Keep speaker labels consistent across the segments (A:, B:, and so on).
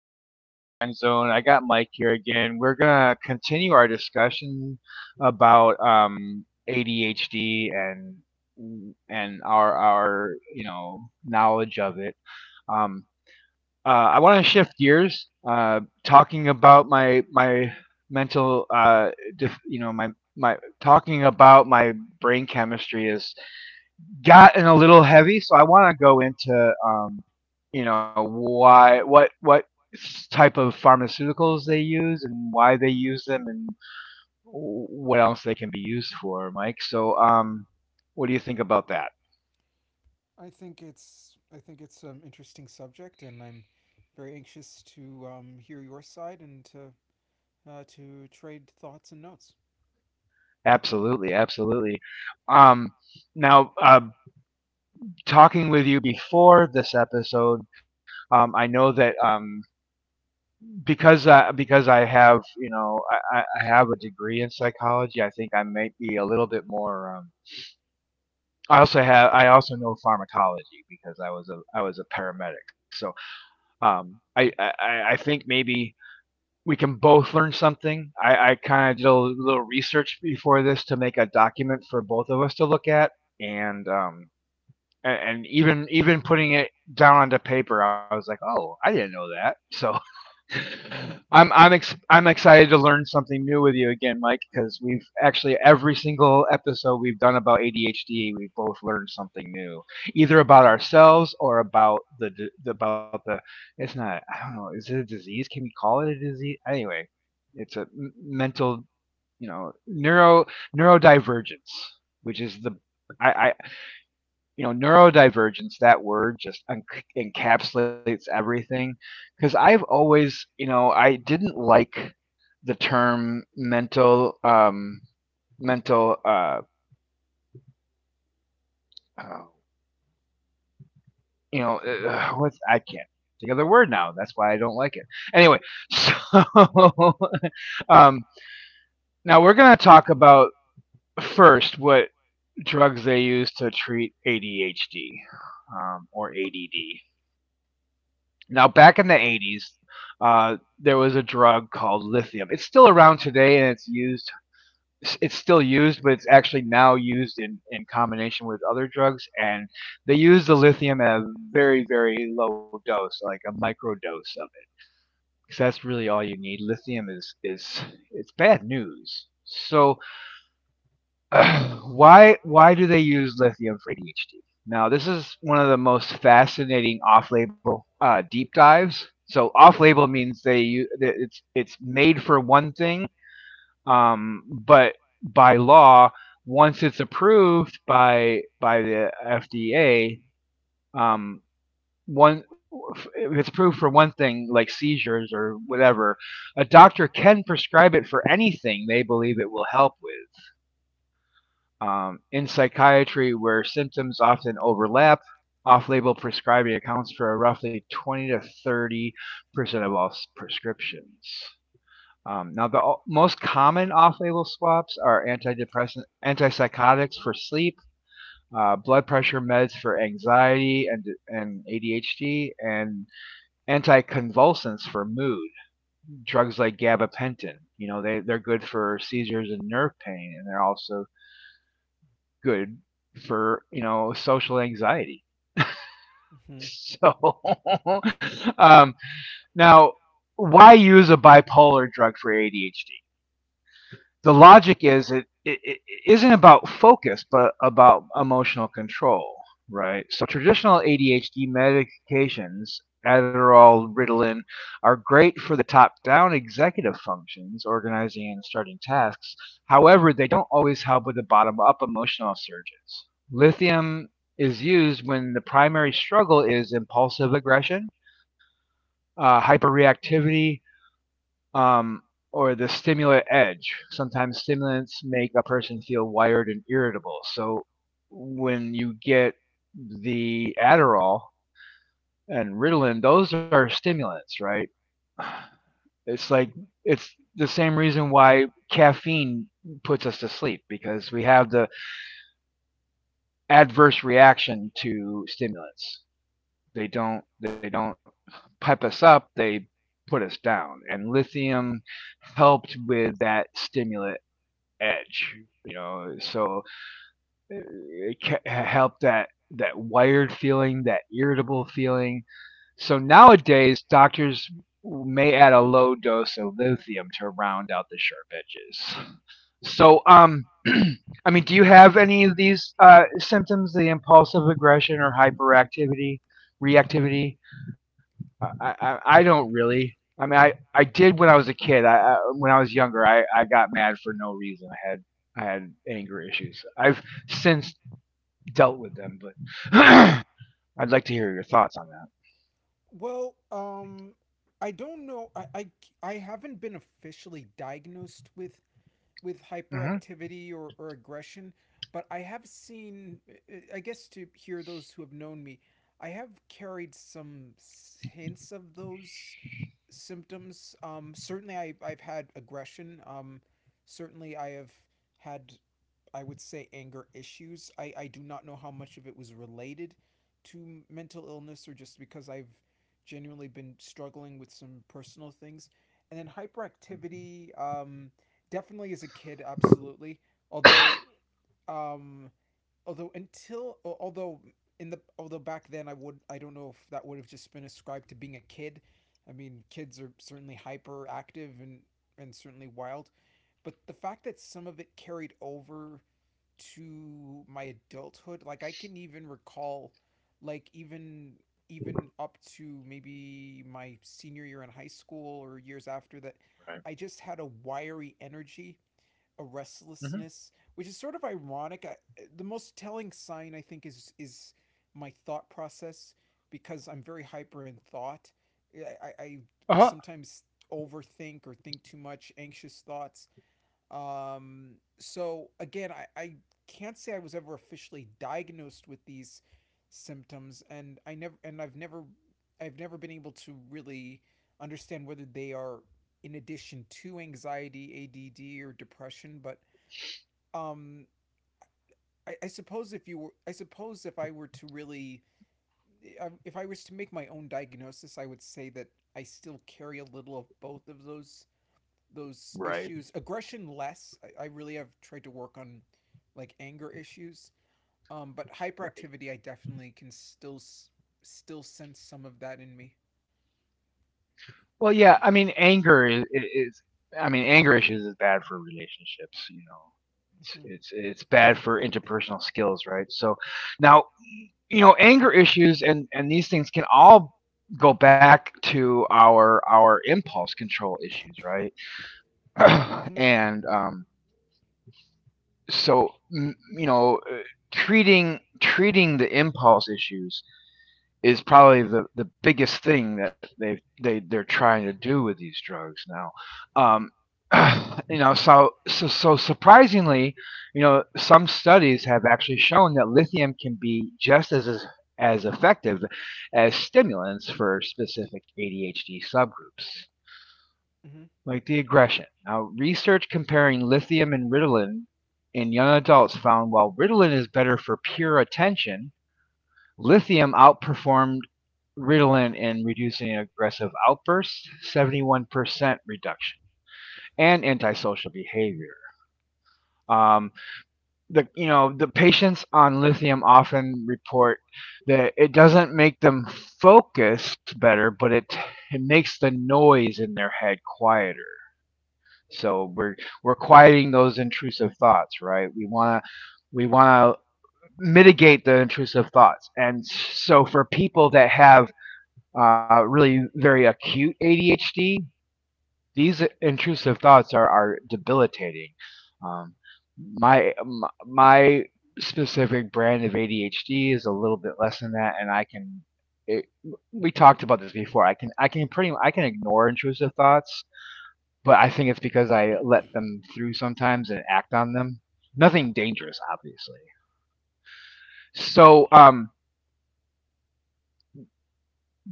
A: us at the Grind Zone. I got Mike here again. We're gonna continue our discussion about ADHD and and our knowledge of it. Um, I want to shift gears, talking about my mental dif- you know my my talking about my brain chemistry has gotten a little heavy, so I want to go into why what type of pharmaceuticals they use and why they use them and what else they can be used for, Mike. So, what do you think about that?
B: I think it's an interesting subject, and I'm very anxious to hear your side and to trade thoughts and notes.
A: Absolutely, absolutely. Um, now, uh, Talking with you before this episode, I know that because I have, I have a degree in psychology, I think I might be a little bit more I also have, I also know pharmacology because I was a paramedic. So um, I, I I think maybe we can both learn something. I kind of did a little research before this to make a document for both of us to look at, and and even putting it down onto paper, I was like, oh, I didn't know that. So I'm I'm ex- I'm excited to learn something new with you again, Mike, because we've actually every single episode we've done about ADHD, we've both learned something new, either about ourselves or about about the. It's not. I don't know. Is it a disease? Can we call it a disease? Anyway, it's a mental, you know, neurodivergence, which is the. I you know Neurodivergence, that word just encapsulates everything because I've always, I didn't like the term mental mental uh uh, what's, I can't think of the word now, that's why I don't like it. Anyway, um now we're going to talk about first what drugs they use to treat ADHD, or ADD. Now, back in the 80s, there was a drug called lithium. It's still around today, and it's used. It's still used, but it's actually now used in combination with other drugs. And they use the lithium at a very low dose, like a microdose of it, because that's really all you need. Lithium is it's bad news. So why do they use lithium for ADHD? Now, this is one of the most fascinating off-label deep dives. So off-label means it's made for one thing, but by law, once it's approved by the FDA, um, one if it's approved for one thing like seizures or whatever, a doctor can prescribe it for anything they believe it will help with. In psychiatry, where symptoms often overlap, off label prescribing accounts for roughly 20 to 30% of all prescriptions. Now, the most common off label swaps are antidepressant, antipsychotics for sleep, blood pressure meds for anxiety and ADHD, and anticonvulsants for mood, drugs like gabapentin. You know, they, they're good for seizures and nerve pain, and they're also good for, social anxiety.
B: Hmm.
A: So um, now, why use a bipolar drug for ADHD? The logic is it isn't about focus, but about emotional control, right? So traditional ADHD medications, Adderall, Ritalin, are great for the top-down executive functions, organizing and starting tasks. However, they don't always help with the bottom-up emotional surges. Lithium is used when the primary struggle is impulsive aggression, hyperreactivity, um, or the stimulant edge. Sometimes stimulants make a person feel wired and irritable. So when you get the Adderall and Ritalin, those are stimulants, right? It's like it's the same reason why caffeine puts us to sleep because we have the adverse reaction to stimulants. They don't pep us up, they put us down. And lithium helped with that stimulant edge, so it can help that wired feeling, that irritable feeling. So nowadays doctors may add a low dose of lithium to round out the sharp edges. So I mean, do you have any of these symptoms, the impulsive aggression or hyperactivity reactivity? I don't really. I mean, I did when I was a kid. I when I was younger, I got mad for no reason. I had anger issues. I've since dealt with them, but I'd like to hear your thoughts on that.
B: Well, I don't know. I haven't been officially diagnosed with
A: Mm-hmm.
B: hyperactivity or aggression, but I have seen. I guess to hear those who have known me, I have carried some hints of those symptoms. Certainly, I've had aggression. Certainly, I have had, I would say, anger issues. I do not know how much of it was related to mental illness or just because I've genuinely been struggling with some personal things. And then hyperactivity, definitely as a kid, absolutely. Although, um, although until although in the although back then I would I don't know if that would have just been ascribed to being a kid. I mean, kids are certainly hyperactive and certainly wild, but the fact that some of it carried over to my adulthood, like I can even recall like even up to maybe my senior year in high school or years after that, I just had a wiry energy a
A: Mm-hmm.
B: restlessness, which is sort of ironic. I, the most telling sign I think is my thought process because I'm very hyper in thought. I
A: Uh-huh.
B: sometimes overthink or think too much, anxious thoughts. So again, I can't say I was ever officially diagnosed with these symptoms, and I've never been able to really understand whether they are in addition to anxiety, ADD, or depression, but um I suppose if you were I were to really if I was to make my own diagnosis I would say that I still carry a little of both of those
A: Right.
B: issues aggression less I really have tried to work on like anger issues but
A: Right.
B: hyperactivity I definitely can still sense some of that in me.
A: Well, yeah. I mean, anger is, is. I mean, anger issues is bad for relationships. You know, it's
B: Mm-hmm.
A: it's it's bad for interpersonal skills, right? So now, anger issues and these things can all go back to our impulse control issues, right?
B: Mm-hmm.
A: and so m- you know treating the impulse issues is probably the biggest thing that they're trying to do with these drugs now. um so, so surprisingly, some studies have actually shown that lithium can be just as effective as stimulants for specific ADHD subgroups
B: Mm-hmm.
A: like the aggression. Now, research comparing lithium and Ritalin in young adults found while Ritalin is better for pure attention, lithium outperformed Ritalin in reducing aggressive outbursts, 71% reduction, and antisocial behavior. Um, the, the patients on lithium often report that it doesn't make them focus better, but it makes the noise in their head quieter. So we're quieting those intrusive thoughts, right? We want to mitigate the intrusive thoughts. And so for people that have uh, really very acute ADHD, these intrusive thoughts are debilitating. Um, my specific brand of ADHD is a little bit less than that, and I can. It, we talked about this before. I can ignore intrusive thoughts, but I think it's because I let them through sometimes and act on them. Nothing dangerous, obviously. So,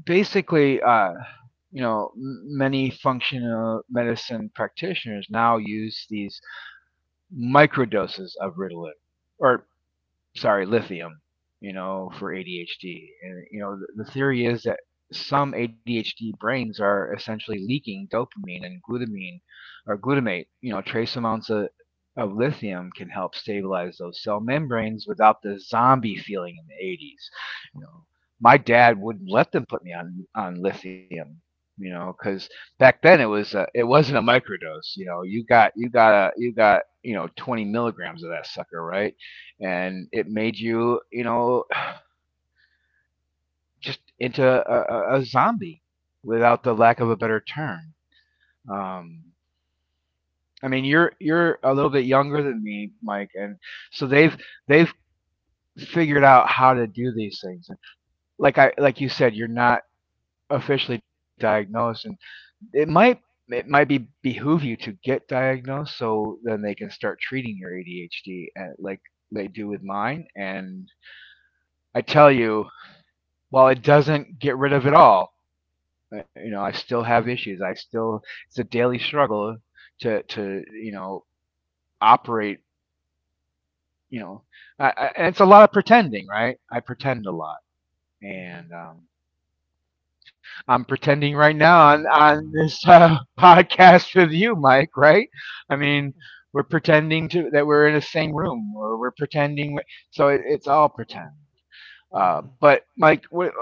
A: basically, uh, you know, many functional medicine practitioners now use these microdoses of Ritalin, or sorry, lithium, you know, for ADHD. And, you know, the theory is that some ADHD brains are essentially leaking dopamine and glutamine or glutamate. You know, trace amounts of lithium can help stabilize those cell membranes without the zombie feeling. In the 80s my dad wouldn't let them put me on lithium, you know, because back then it was a, it wasn't a microdose, you know, you got a, you got 20 milligrams of that sucker, right? And it made you, you know just into a zombie, without the lack of a better term. Um, I mean, you're a little bit younger than me, Mike, and so they've
B: Mm-hmm.
A: they've figured out how to do these things. And like I, like you said, you're not officially diagnosed. it might it might be behoove you to get diagnosed so then they can start treating your ADHD and like they do with mine. And I tell you, while it doesn't get rid of it all, you know, I still have issues. I still It's a daily struggle to, operate. You know, and it's a lot of pretending, right? I pretend a lot,
B: Mm-hmm.
A: and I'm pretending right now on this podcast with you, Mike. Right? I mean, we're pretending to that we're in the same room, or we're pretending. So it's all pretend.
B: Mm-hmm.
A: But Mike,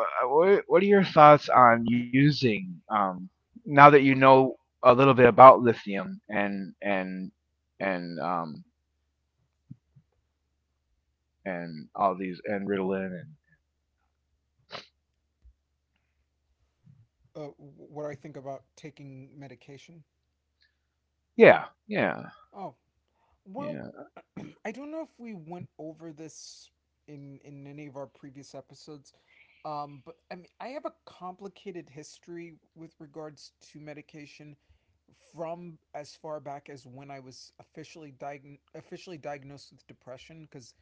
A: what are your thoughts on using now that you know a little bit about lithium and and um, and all these, and Ritalin, and
B: What do I think about taking medication?
A: yeah, yeah,
B: Oh,
A: yeah,
B: well, I don't know if we went over this in any of our previous episodes, but I mean, I have a complicated history with regards to medication from as far back as when I was officially diagn officially diagnosed with depression because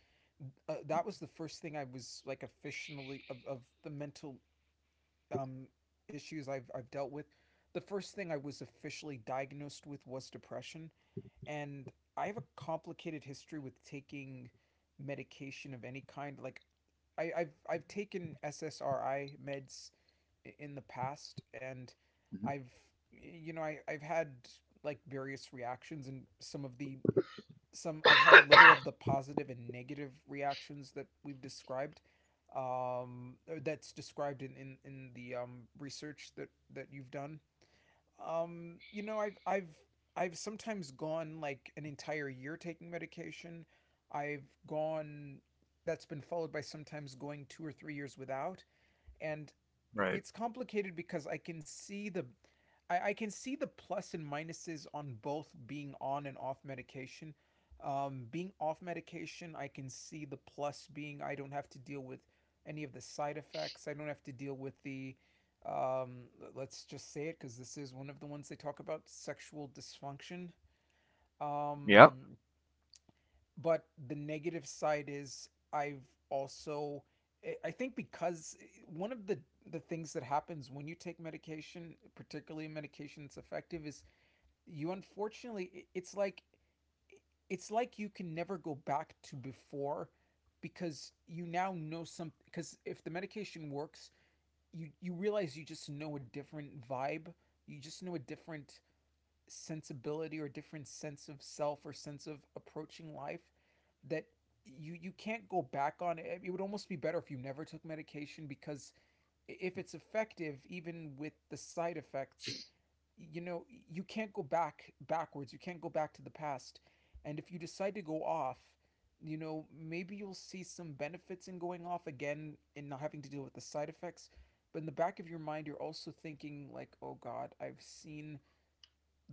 B: that was the first thing I was like officially of the mental um, issues I've dealt with. The first thing I was officially diagnosed with was depression and I have a complicated history with taking medication of any kind. Like, I've taken SSRI meds in the past, and
A: mhm,
B: I've you know I've had like various reactions, and some of the some I've had a little of the positive and negative reactions that we've described, or that's described in the research that that you've done, you know, I've sometimes gone like an entire year taking medication. I've gone that's been followed by sometimes going 2 or 3 years without and
A: right,
B: it's complicated because I can see the I can see the plus and minuses on both being on and off medication. Being off medication, I can see the plus being I don't have to deal with any of the side effects. I don't have to deal with the um, let's just say it because this is one of the ones they talk about sexual dysfunction.
A: yep,
B: Um, but the negative side is I've also I think because one of the things that happens when you take medication, particularly a medication that's effective, is you unfortunately it's like you can never go back to before because you now know some because if the medication works you realize you just know a different vibe you just know a different sensibility or different sense of self or sense of approaching life that you can't go back on it. It would almost be better if you never took medication because if it's effective, even with the side effects, you know you can't go back backwards. You can't go back to the past. And if you decide to go off, you know maybe you'll see some benefits in going off again and not having to deal with the side effects. But in the back of your mind, you're also thinking like, oh God, I've seen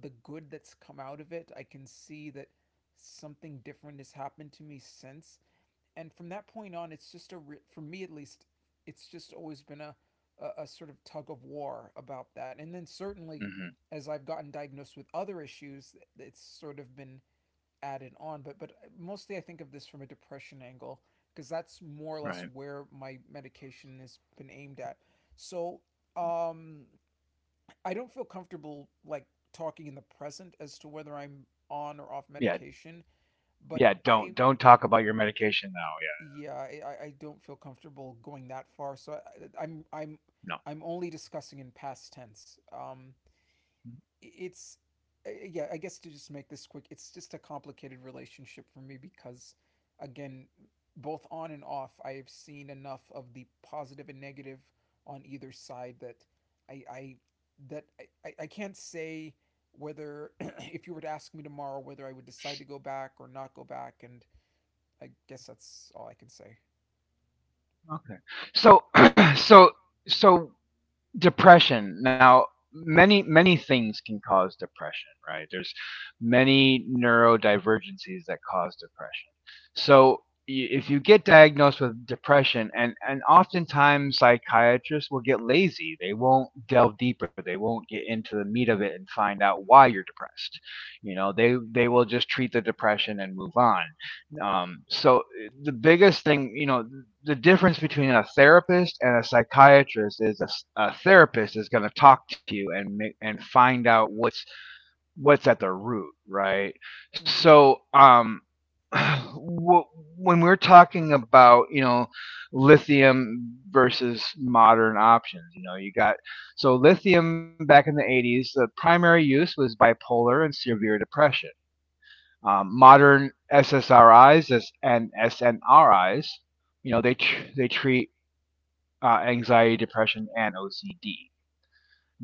B: the good that's come out of it. I can see that something different has happened to me since. And from that point on, it's just a, for me at least, it's just always been a, a sort of tug of war about that. And then certainly
A: hmm,
B: as I've gotten diagnosed with other issues, it's sort of been added on. But, mostly I think of this from a depression angle because that's more or less
A: right.
B: where my medication has been aimed at. So, um, I don't feel comfortable like talking in the present as to whether I'm on or off
A: Yeah,
B: medication, but
A: yeah,
B: I
A: don't talk about your medication now.
B: yeah, don't feel comfortable going that far. So I'm I'm only discussing in past tense. It's yeah I guess to just make this quick it's just a complicated relationship for me because again both on and off I've seen enough of the positive and negative on either side that i i I- can't say whether if you were to ask me tomorrow whether I would decide to go back or not go back and I guess that's all I can say.
A: Yeah, no. Okay. So so so depression now, many things can cause depression, right? There's many neurodivergencies that cause depression. So if you get diagnosed with depression, and oftentimes psychiatrists will get lazy, they won't delve deeper, they won't get into the meat of it and find out why you're depressed, you know, they will just treat the depression and move on. um so uh, the biggest thing, you know, the difference between a therapist and a psychiatrist is a therapist is going to talk to you and find out what's at the root, right?
B: Mm-hmm.
A: So, wh- when we're talking about, lithium versus modern options, you know, you got. So lithium back in the 80s, the primary use was bipolar and severe depression. Modern SSRIs and SNRIs, you know, they treat anxiety, depression, and OCD.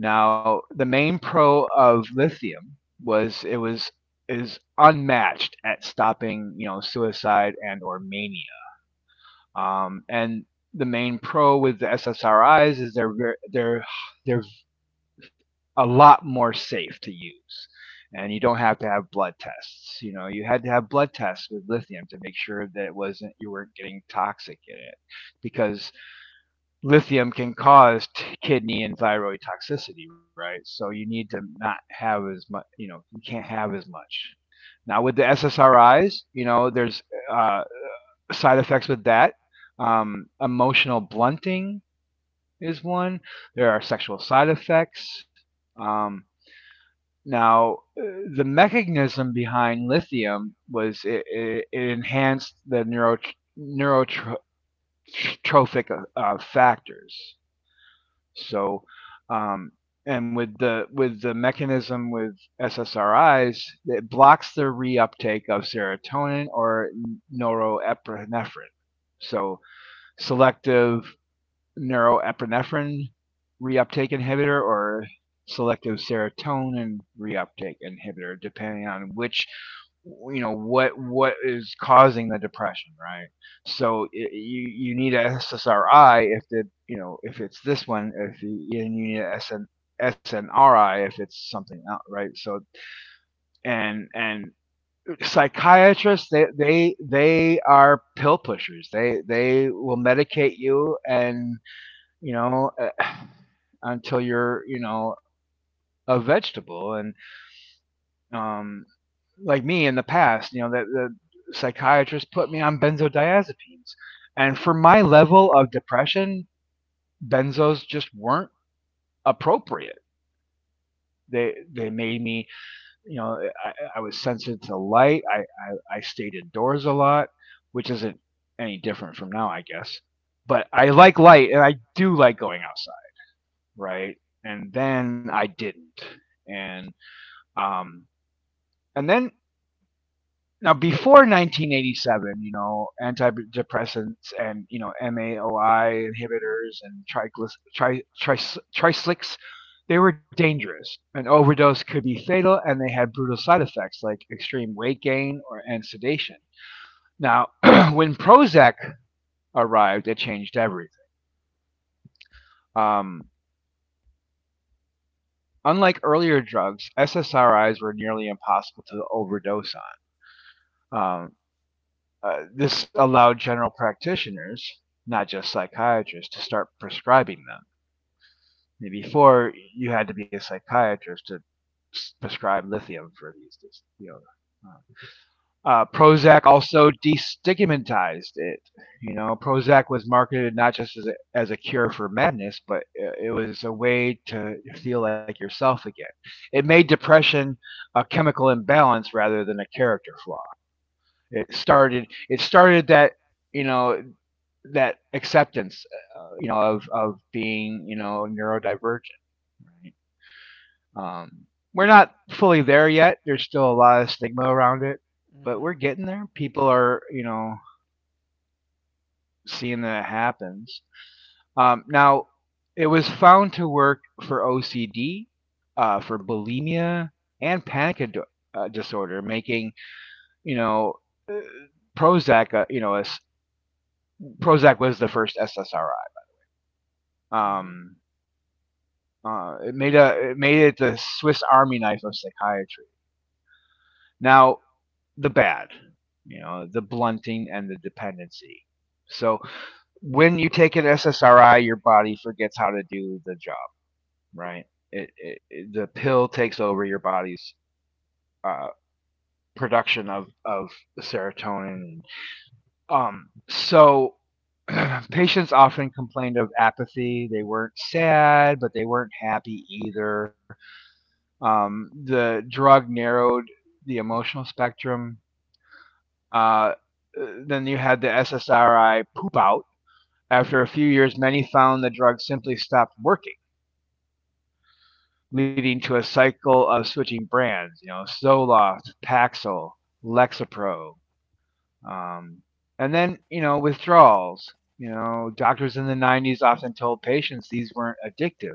A: Now, the main pro of lithium was it was is unmatched at stopping, you know, suicide and or mania. And the main pro with the SSRIs is they're ver- they're a lot more safe to use. And you don't
B: Mm-hmm.
A: have to have blood tests. You know, you had to have blood tests with lithium to make sure that it wasn't you weren't getting toxic in it, because lithium can cause kidney and thyroid toxicity, right? So you need to not have as much, you know, you can't have as much. Now with the SSRIs, you know, there's uh, side effects with that. Emotional blunting is one. There are sexual side effects. Um, Now, the mechanism behind lithium was it enhanced the neurotrophic factors. So, um, and with the mechanism with SSRIs, it blocks the reuptake of serotonin or norepinephrine. So, selective neuroepinephrine reuptake inhibitor or selective serotonin reuptake inhibitor, depending on which you know what is causing the depression, right? So you need an SSRI if the you know if it's this one, if you, and you need an SNRI if it's something else, right? So and and psychiatrists, they are pill pushers. They will medicate you, and you know uh, until you're, you know, a vegetable. And um, like me in the past, you know, that the psychiatrist put me on benzodiazepines. And for my level of depression, benzos just weren't appropriate. They made me, you know, I was sensitive to light. I stayed indoors a lot, which isn't any different from now, I guess. But I like light and I do like going outside, right? And then I didn't. And um and then now, before 1987, you know, antidepressants and, you know, MAOI inhibitors and tricyclics, they were dangerous. An overdose could be fatal, and they had brutal side effects like extreme weight gain or and sedation. Now when Prozac arrived, it changed everything. um, Unlike earlier drugs, SSRIs were nearly impossible to overdose on. This allowed general practitioners, not just psychiatrists, to start prescribing them. Before, you had to be a psychiatrist to prescribe lithium for these. You know, Prozac also destigmatized it. You know, Prozac was marketed not just as as a cure for madness, but it was a way to feel like yourself again. It made depression a chemical imbalance rather than a character flaw. It started that, you know, that acceptance, you know, of being, you know, neurodivergent. Right. Um, we're not fully there yet. There's still a lot of stigma around it, but
B: Mm-hmm.
A: we're getting there. People are, you know, seeing that it happens. Now, it was found to work for OCD, for bulimia, and disorder, making, you know, Prozac, you know, a s Prozac was the first SSRI. Um, it made it the Swiss Army knife of psychiatry. Now, the bad, you know, the blunting and the dependency. So when you take an SSRI, your body forgets how to do the job, right? The pill takes over your body's uh, production of of serotonin. So patients often complained of apathy. They weren't sad, but they weren't happy either. The drug narrowed the emotional spectrum. Uh, then you had the SSRI poop out. After a few years, many found the drug simply stopped working, leading to a cycle of switching brands. You know, Zoloft, Paxil, Lexapro, um, and then, you know, withdrawals. You know, doctors in the 90s often told patients these weren't addictive.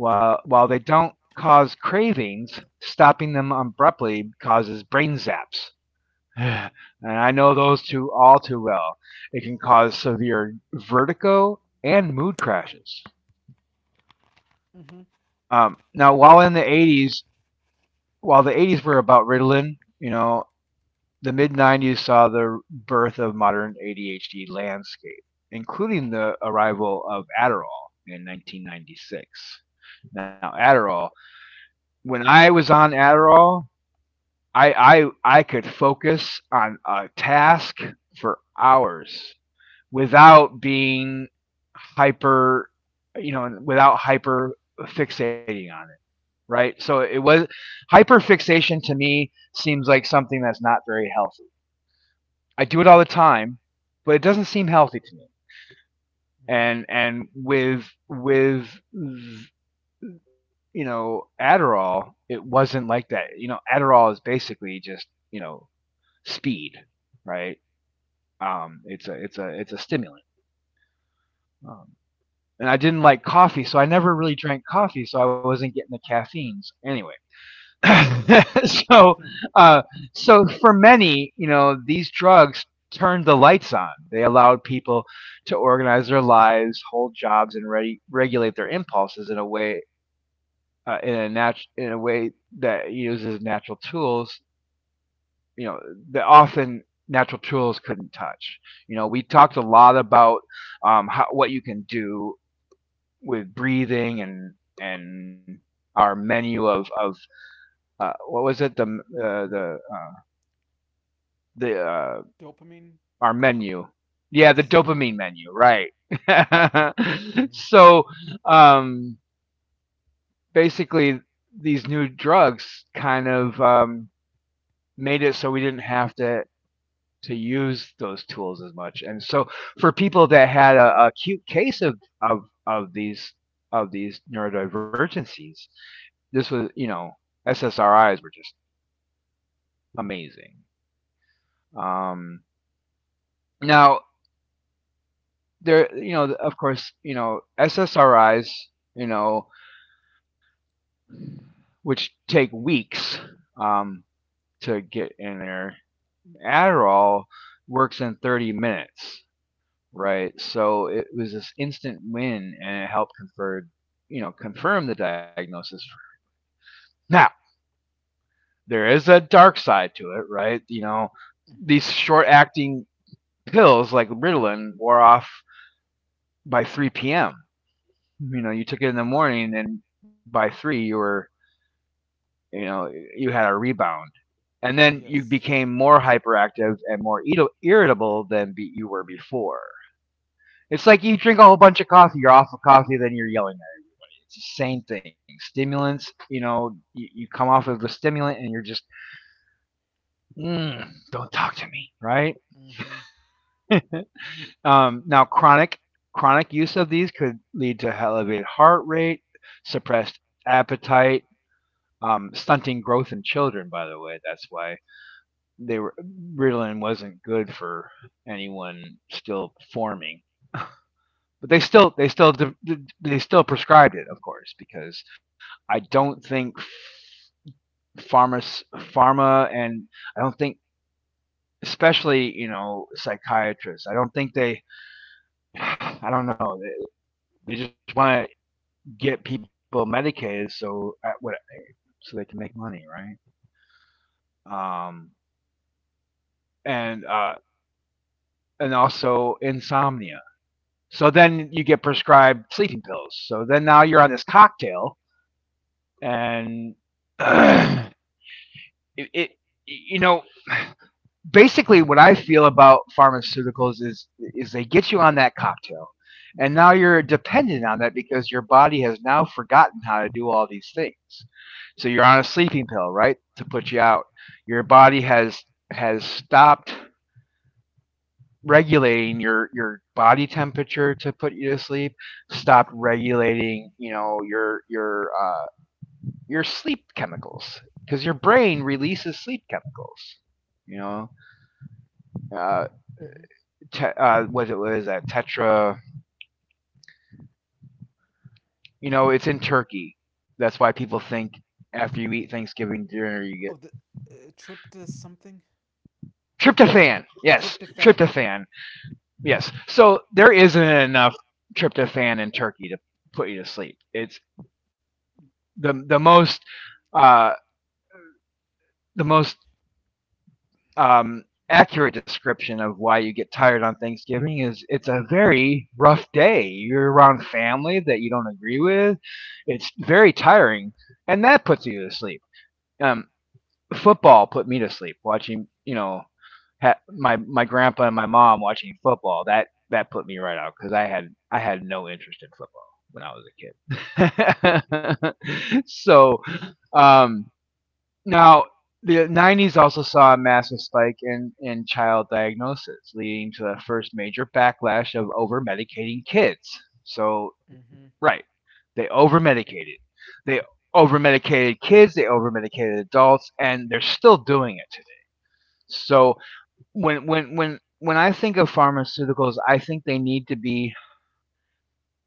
A: While they don't cause cravings, stopping them abruptly causes brain zaps. And I know those two all too well. It can cause severe vertigo and mood crashes.
B: Mm-hmm. Mm-hmm.
A: Now, while the 80s were about Ritalin, you know, the mid 90s saw the birth of modern ADHD landscape, including the arrival of Adderall in 1996. Now, Adderall, when I was on Adderall, I could focus on a task for hours without being hyper, you know, without hyper fixating on it, right? So it was, hyper fixation to me seems like something that's not very healthy. I do it all the time, but it doesn't seem healthy to me. And with Adderall, it wasn't like that. You know, Adderall is basically, just you know, speed, right? It's a stimulant. Um, and I didn't like coffee, so I never really drank coffee, so I wasn't getting the caffeines anyway. So,
B: Mm-hmm.
A: uh, so for many, you know, these drugs turned the lights on. They allowed people to organize their lives, hold jobs, and regulate their impulses in a way, in a way that uses natural tools. You know, that often natural tools couldn't touch. You know, we talked a lot about, how, what you can do with breathing, and and our menu of what was it uh, the uh, the
B: Dopamine.
A: our menu yeah, the
B: Yes.
A: dopamine menu, right?
B: Mm-hmm.
A: So, um basically, these new drugs kind of, made it so we didn't have to use those tools as much. And so for people that had a acute case of of of these these neurodivergencies, this was, you know, SSRIs were just amazing. Um, Now there, you know, of course, you know, SSRIs, you know, which take weeks, um, to get in there. Adderall works in 30 minutes, right? So it was this instant win, and it helped confer you know confirm the diagnosis. Now there is a dark side to it, right? You know,
B: Mm-hmm.
A: these short acting pills like Ritalin wore off by 3 p.m. You know, you took it in the morning, and by three, you were, you know, you had a rebound, and then you
B: Yes.
A: became more hyperactive and more irritable than you were before. It's like you drink a whole bunch of coffee, you're off of coffee, then you're yelling at it. It's the same thing. Stimulants, you know, you come off of the stimulant and you're just, mm, don't talk to me, right?
B: Mm-hmm.
A: Now, chronic use of these could lead to elevated heart rate, suppressed appetite, stunting growth in children, by the way. That's why they were, Ritalin wasn't good for anyone still forming, but they still prescribed it, of course, because I don't think pharma, pharma and I don't think, especially, you know, psychiatrists. I don't think they, I don't know, they just want to get people medicated so at what so they can make money, right? And uh, and also insomnia. So then you get prescribed sleeping pills. So then now you're on this cocktail, and uh, it, it you know basically what I feel about pharmaceuticals is they get you on that cocktail, and now you're dependent on that because your body has now forgotten how to do all these things. So you're on a sleeping pill, right, to put you out. Your body has stopped regulating your body temperature to put you to sleep, stop regulating, you know, your sleep chemicals, because your brain releases sleep chemicals, you know, uh,
B: Mm-hmm.
A: what is that, tetra, you know, it's in turkey, that's why people think after you eat Thanksgiving dinner you
B: Oh,
A: get
B: the trypto something.
A: tryptophan. Yes,
B: Tryptophan.
A: tryptophan. Yes, so there isn't enough tryptophan in turkey to put you to sleep. It's the most, uh the most um, accurate description of why you get tired on Thanksgiving is, it's a very rough day. You're around family that you don't agree with. It's very tiring, and that puts you to sleep. Um, Football put me to sleep, watching, you know, my grandpa and my mom watching football. That that put me right out because I had no interest in football when I was a kid. So, um, now, the 90s also saw a massive spike in child diagnosis, leading to the first major backlash of over medicating kids. So,
B: Mm-hmm.
A: right, they over medicated. They over medicated kids, they over medicated adults, and they're still doing it today. So, when I think of pharmaceuticals, I think they need to be,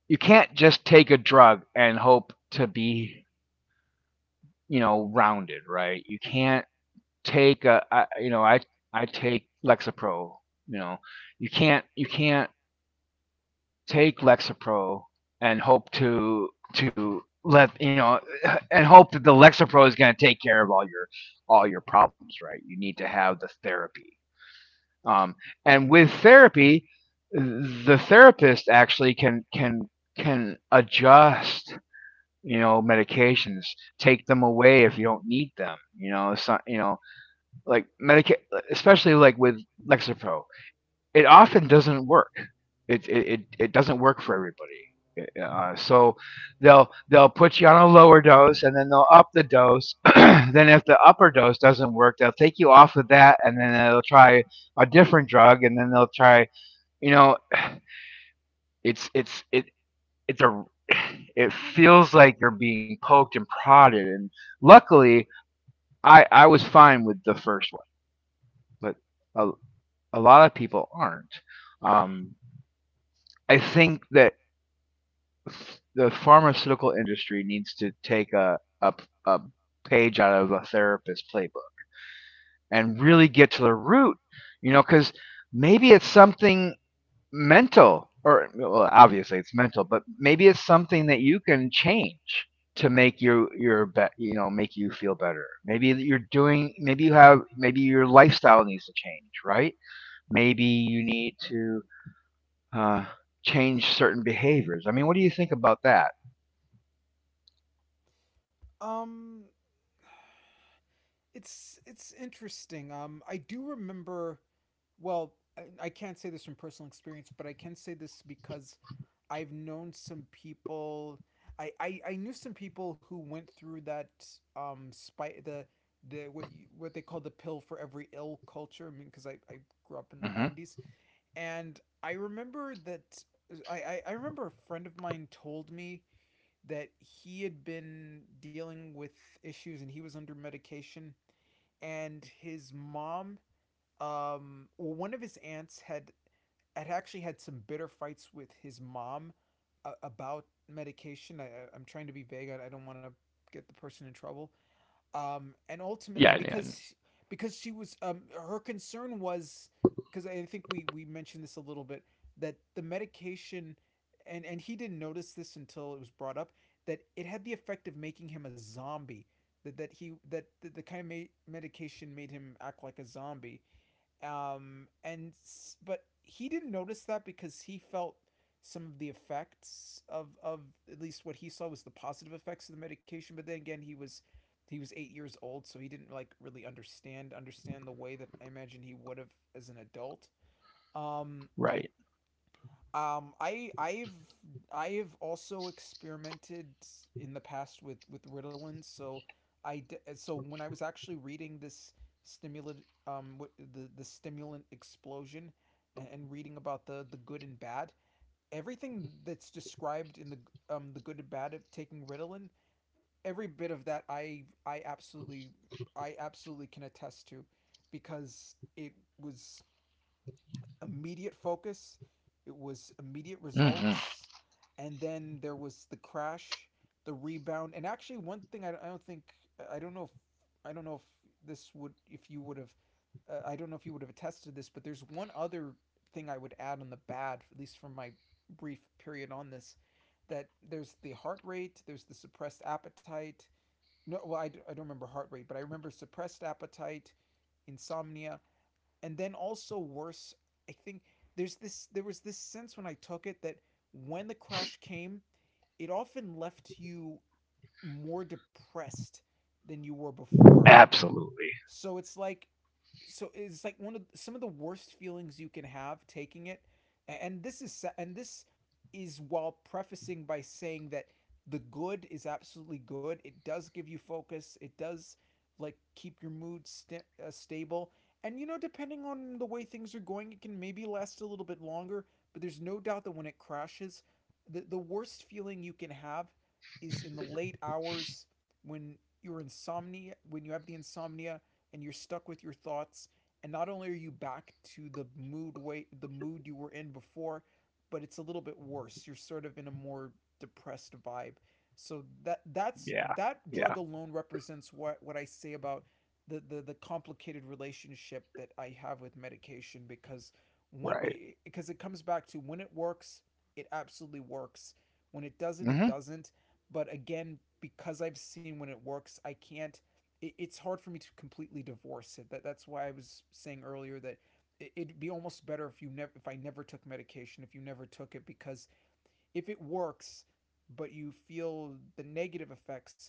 A: you can't just take a drug and hope to be, you know, rounded, right? You can't take a I, you know I take Lexapro. You know, you can't take Lexapro and hope to let you know and hope that the Lexapro is going to take care of all your problems. Right? You need to have the therapy. Um, and with therapy, the therapist actually can adjust you know medications, take them away if you don't need them, you know. So like medica- especially like with Lexapro, it often doesn't work. It doesn't work for everybody. So they'll put you on a lower dose and then they'll up the dose. Then if the upper dose doesn't work, they'll take you off of that and then they'll try a different drug, and then they'll try, you know, it's it it's a it feels like you're being poked and prodded, and luckily I was fine with the first, but a, a lot of people aren't. Um, I think that the pharmaceutical industry needs to take a, a page out of a therapist playbook and really get to the root, you know, because maybe it's something mental. Or well, obviously it's mental, but maybe it's something that you can change to make you feel better. Maybe you're doing, maybe you have, maybe your lifestyle needs to change, right? Maybe you need to uh, change certain behaviors. I mean, what do you think about that?
B: Um, it's interesting. I do remember. Well, I can't say this from personal experience, but I can say this because I've known some people. I knew some people who went through that spy the what you, what they call the pill for every ill culture. I mean, because I grew up in the
A: Mm-hmm.
B: '90s, and I remember that remember a friend of mine told me that he had been dealing with issues and he was under medication and his mom well one of his aunts had actually had some bitter fights with his mom about medication. I'm trying to be vague. I don't want to get the person in trouble. And ultimately
A: Yeah, yeah, yeah,
B: because she was her concern was because I think we mentioned this a little bit that the medication and he didn't notice this until it was brought up that it had the effect of making him a zombie that that he that the kind of medication made him act like a zombie, and but he didn't notice that because he felt some of the effects of at least what he saw was the positive effects of the medication. But then again, he was 8 years old, so he didn't like really understand the way that I imagine he would have as an adult. Um,
A: right.
B: um, I I've I've also experimented in the past with Ritalin. So I so when I was actually reading this stimulant the stimulant explosion and reading about the good and bad, everything that's described in the the good and bad of taking Ritalin, every bit of that I absolutely can attest to because it was immediate focus, it was immediate
A: Mm-hmm.
B: results, and then there was the crash, the rebound, and actually one thing I don't think I don't know if I don't know if this would if you would have I don't know if you would have attested this, but there's one other thing I would add on the bad, at least from my brief period on this, that there's the heart rate, there's the suppressed appetite. No, well, I don't remember heart rate, but I remember suppressed appetite, insomnia, and then also worse, I think there was this sense when I took it that when the crash came, it often left you more depressed than you were before.
A: Absolutely.
B: So it's like so it's like one of some of the worst feelings you can have taking it. And this is and this is while prefacing by saying that the good is absolutely good. It does give you focus, it does like keep your mood st stable, and you know, depending on the way things are going, it can maybe last a little bit longer. But there's no doubt that when it crashes, the worst feeling you can have is in the late hours when you have the insomnia and you're stuck with your thoughts, and not only are you back to the mood you were in before, but it's a little bit worse. You're sort of in a more depressed vibe. So that's
A: Yeah.
B: that drug
A: Yeah.
B: alone represents what I say about the complicated relationship that I have with medication. because when
A: Right.
B: it, because it comes back to: when it works, it absolutely works; when it doesn't, it
A: Mm-hmm.
B: doesn't. But again, because I've seen when it works, I can't, it's hard for me to completely divorce it. That that's why I was saying earlier that it'd be almost better if you never if I never took medication, if you never took it, because if it works, but you feel the negative effects,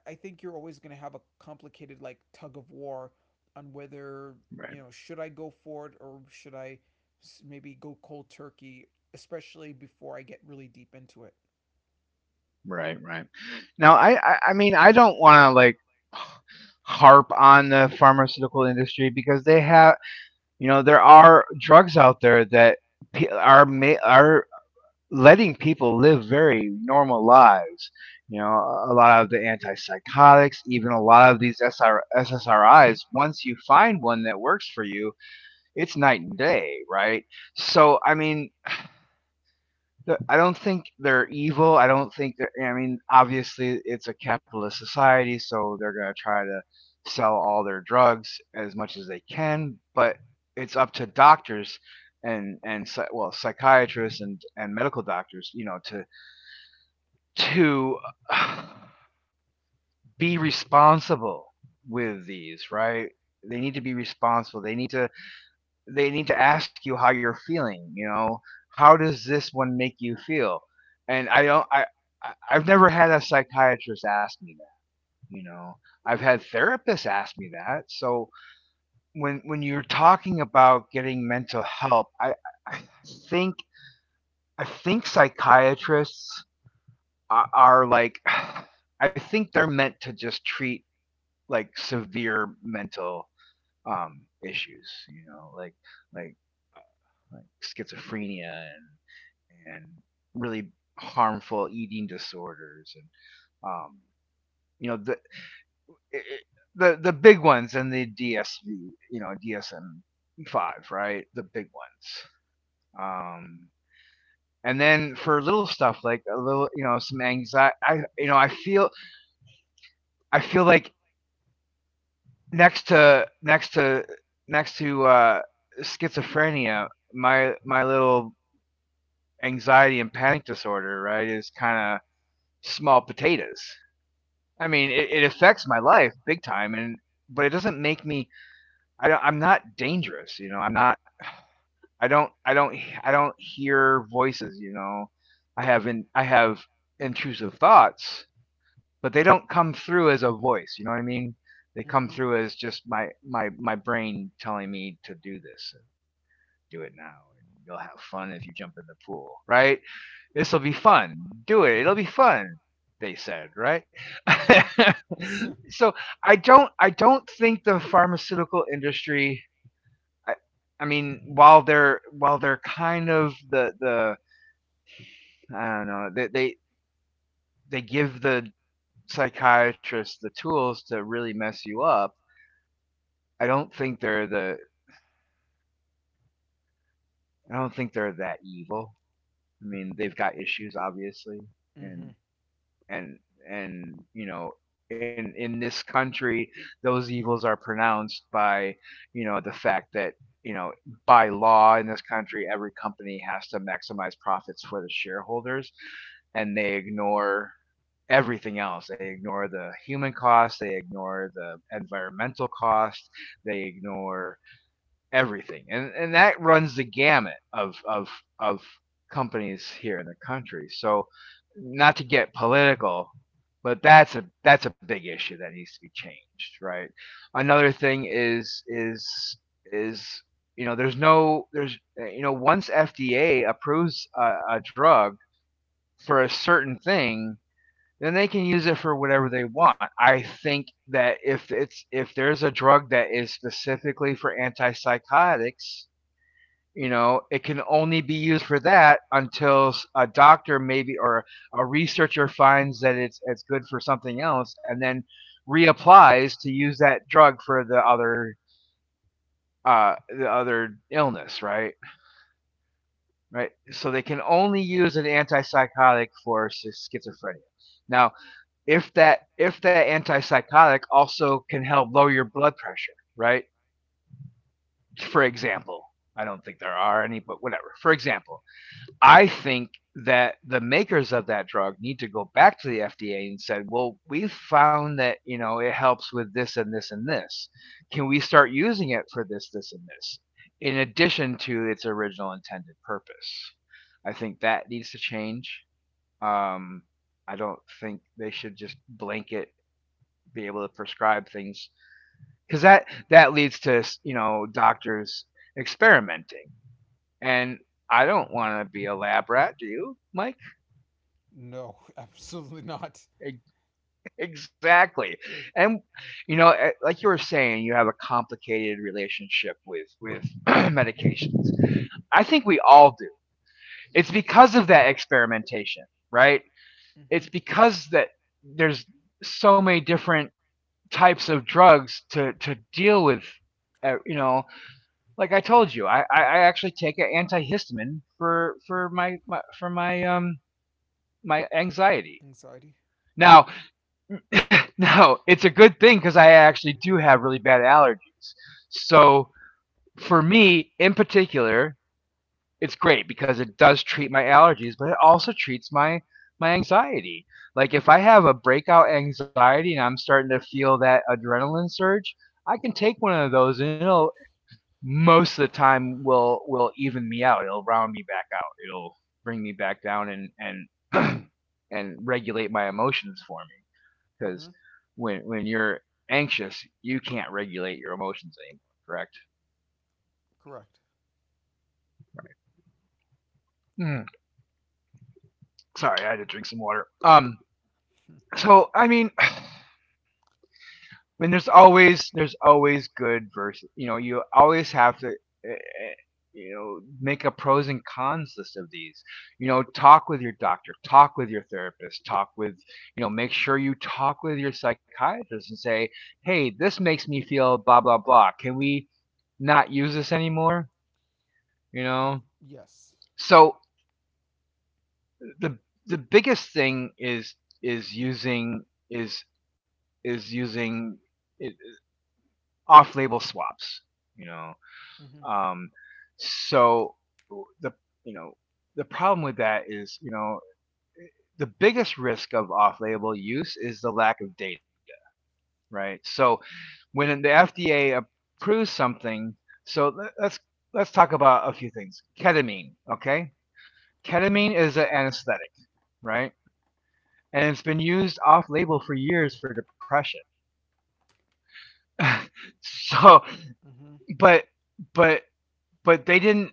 B: I think you're always going to have a complicated, like, tug of war on whether, you
A: Right.
B: know, should I go for it, or should I maybe go cold turkey, especially before I get really deep into it.
A: Right. Right. Now, I mean, I don't want to like harp on the pharmaceutical industry because they have, you know, there are drugs out there that are letting people live very normal lives. You know, a lot of the antipsychotics, even a lot of these SSRIs, once you find one that works for you, it's night and day, right? So, I mean, I don't think they're evil. I don't think they're — I mean, obviously it's a capitalist society, so they're going to try to sell all their drugs as much as they can, but it's up to doctors and psy-, well, psychiatrists and medical doctors, you know, to be responsible with these, right? They need to be responsible. They need to, they need to ask you how you're feeling, you know? How does this one make you feel? And I don't I- have never had a psychiatrist ask me that, you know. I've had therapists ask me that. So when you're talking about getting mental help, I think, I think psychiatrists are like, I think they're meant to just treat like severe mental, um issues, you know, like like schizophrenia and really harmful eating disorders and um you know, it, the big ones and the DSV, you know, DSM five, right? The big ones. Um, and then for little stuff like a little, you know, some anxiety. I, you know, I feel like next to, next to next to schizophrenia, my little anxiety and panic disorder, right, is kind of small potatoes. I mean, it affects my life big time, and but it doesn't make me. I don't, I'm not dangerous, you know. I'm not. I don't. I don't. I don't hear voices, you know. I have in. I have intrusive thoughts, but they don't come through as a voice. You know what I mean? They
B: Mm-hmm.
A: come through as just my my my brain telling me to do this. Do it now. You'll have fun if you jump in the pool, right? This will be fun. Do it. It'll be fun. They said, right?
B: Mm-hmm.
A: So I don't, I don't think the pharmaceutical industry — I, I mean, while they're, while they're kind of the, I don't know, they give the psychiatrists the tools to really mess you up. I don't think they're the, I don't think they're that evil. I mean, they've got issues obviously,
B: Mm-hmm.
A: and and and you know, in this country, those evils are pronounced by, you know, the fact that, you know, by law in this country, every company has to maximize profits for the shareholders, and they ignore everything else. They ignore the human cost, they ignore the environmental cost, they ignore everything, and that runs the gamut of companies here in the country. So, not to get political, but that's a, that's a big issue that needs to be changed, right? Another thing is, you know, there's no there's you know, once FDA approves a drug for a certain thing, then they can use it for whatever they want. I think that if it's if there's a drug that is specifically for antipsychotics, you know, it can only be used for that until a doctor maybe, or a researcher finds that it's good for something else, and then reapplies to use that drug for the other, the other illness, right? Right, so they can only use an antipsychotic for schizophrenia. Now, if that, if that antipsychotic also can help lower your blood pressure, right, for example — I don't think there are any, but whatever, for example — I think that the makers of that drug need to go back to the FDA and said, "Well, we found that, you know, it helps with this and this and this. Can we start using it for this, this, and this, in addition to its original intended purpose?" I think that needs to change. Um, I don't think they should just blanket be able to prescribe things, because that, that leads to, you know, doctors experimenting, and I don't want to be a lab rat. Do you, Mike?
B: No, absolutely not.
A: Ex- Exactly. And you know, like you were saying, you have a complicated relationship with medications. I think we all do. It's
B: Mm-hmm.
A: because of that experimentation, right? It's
B: Mm-hmm.
A: because that there's so many different types of drugs to deal with, you know, like I told you, I actually take an antihistamine for my my anxiety.
B: Anxiety?
A: Now, no, it's a good thing because I actually do have really bad allergies. So for me, in particular, it's great because it does treat my allergies, but it also treats my my anxiety. Like if I have a breakout anxiety and I'm starting to feel that adrenaline surge, I can take one of those and it'll, most of the time will even me out. It'll round me back out. It'll bring me back down and and regulate my emotions for me, because
B: Mm-hmm.
A: when you're anxious, you can't regulate your emotions anymore. Correct?
B: Correct.
A: Mm, sorry, I had to drink some water. So I mean, I mean, there's always, there's always good versus. You know, you always have to, eh, you know, make a pros and cons list of these. You know, talk with your doctor, talk with your therapist, talk with, you know, make sure you talk with your psychiatrist and say, hey, this makes me feel blah, blah, blah. Can we not use this anymore? You know,
B: Yes.
A: so the the biggest thing is using, is is using it, off-label swaps, you know.
B: Mm-hmm.
A: Um, so the, you know, the problem with that is, you know, the biggest risk of off-label use is the lack of data, right? So when the FDA approves something, so let's talk about a few things. Ketamine, okay?
B: Mm-hmm.
A: Ketamine is an anesthetic, right? And it's been used off-label for years for depression. So,
B: Mm-hmm.
A: but but but they didn't.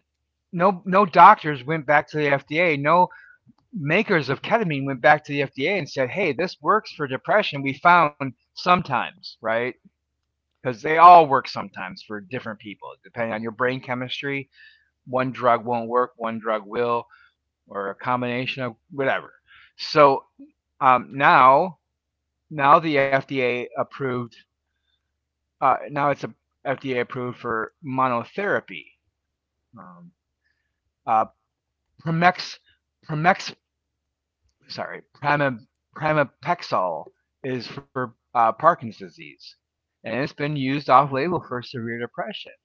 A: No No doctors went back to the FDA. No makers of ketamine went back to the FDA and said, "Hey, this works for depression. We found sometimes, right? Because they all work sometimes for different people, depending on your brain chemistry. One drug won't work, one drug will, or a combination of whatever." So now, now the FDA approved, now it's a, FDA approved for monotherapy. Um, uh, Primex, Primex, sorry, Prima, Primapexol is for Parkinson's disease, and it's been used off-label for severe depression.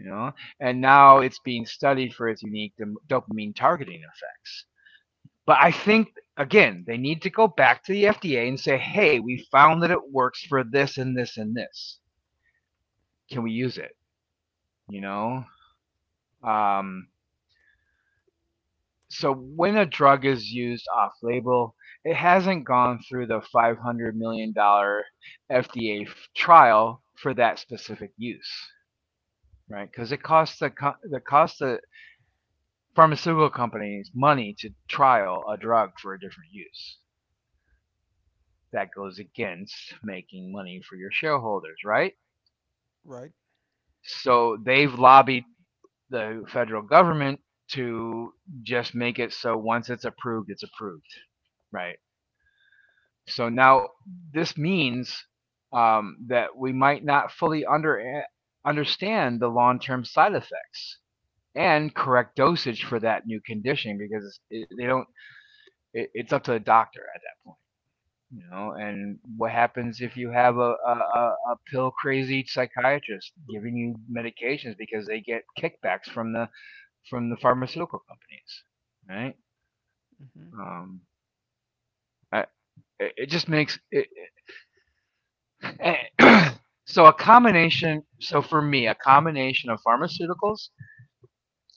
A: You know, and now it's being studied for its unique dopamine targeting effects. But I think again, they need to go back to the FDA and say, "Hey, we found that it works for this and this and this. Can we use it?" You know. Um, so when a drug is used off-label, it hasn't gone through the $500 million FDA trial for that specific use, right? Because it costs the pharmaceutical companies money to trial a drug for a different use. That goes against making money for your shareholders, right?
B: Right.
A: So they've lobbied the federal government to just make it so once it's approved, right? So now this means, that we might not fully understand the long term side effects and correct dosage for that new condition, because they don't. It, it's up to the doctor at that point, you know. And what happens if you have a pill crazy psychiatrist giving you medications because they get kickbacks from the, from the pharmaceutical companies, right?
B: Mm-hmm.
A: Um, I, it just makes it, so a combination, for me a combination of pharmaceuticals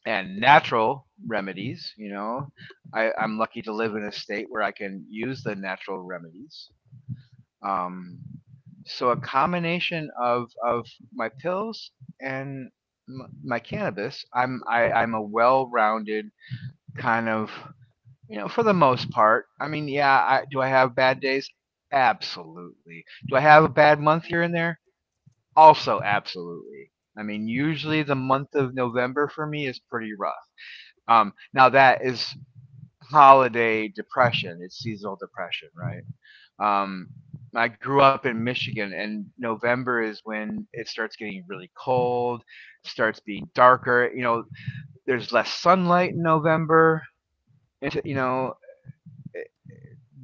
A: and natural remedies, I'm lucky to live in a state where I can use the natural remedies. um, so a combination of of my pills and my cannabis. I'm a well-rounded kind of, you know, for the most part. I mean, yeah, do I have bad days? Absolutely. Do I have a bad month here and there? Also, absolutely. I mean, usually the month of November for me is pretty rough. Now that is holiday depression. It's seasonal depression, right? Um, I grew up in Michigan, and November is when it starts getting really cold, starts being darker. You know, there's less sunlight in November. You know, eh,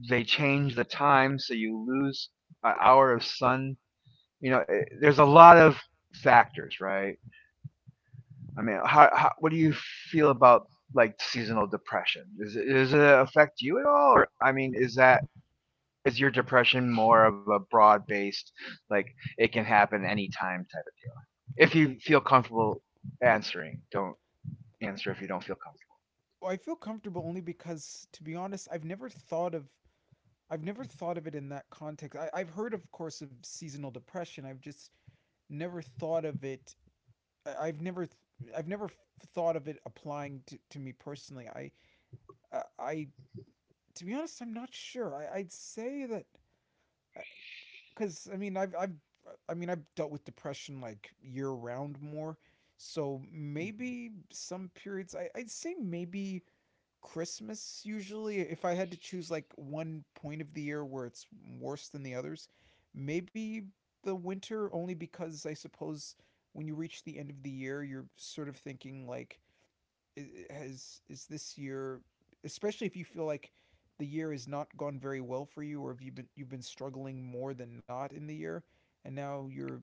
A: they change the time, so you lose an hour of sun. You know, there's a lot of factors, right? I mean, how what do you feel about like seasonal depression? Is it, does it affect you at all? Or, I mean, is that, is your depression more of a broad based, like it can happen any time type of thing? If you feel comfortable answering, don't answer if you don't feel comfortable.
B: Well, I feel comfortable only because, to be honest, I've never thought of it in that context. I, I've heard, of course, of seasonal depression. I've just never thought of it. I've never thought of it applying to me personally. I to be honest, I'm not sure. I, I'd say that, I, because I mean, I've dealt with depression like year round more, so maybe some periods, I I'd say maybe Christmas, usually, if I had to choose like one point of the year where it's worse than the others. Maybe the winter, only because I suppose when you reach the end of the year, you're sort of thinking like, has is this year, especially if you feel like the year has not gone very well for you, or if you've been struggling more than not in the year, and now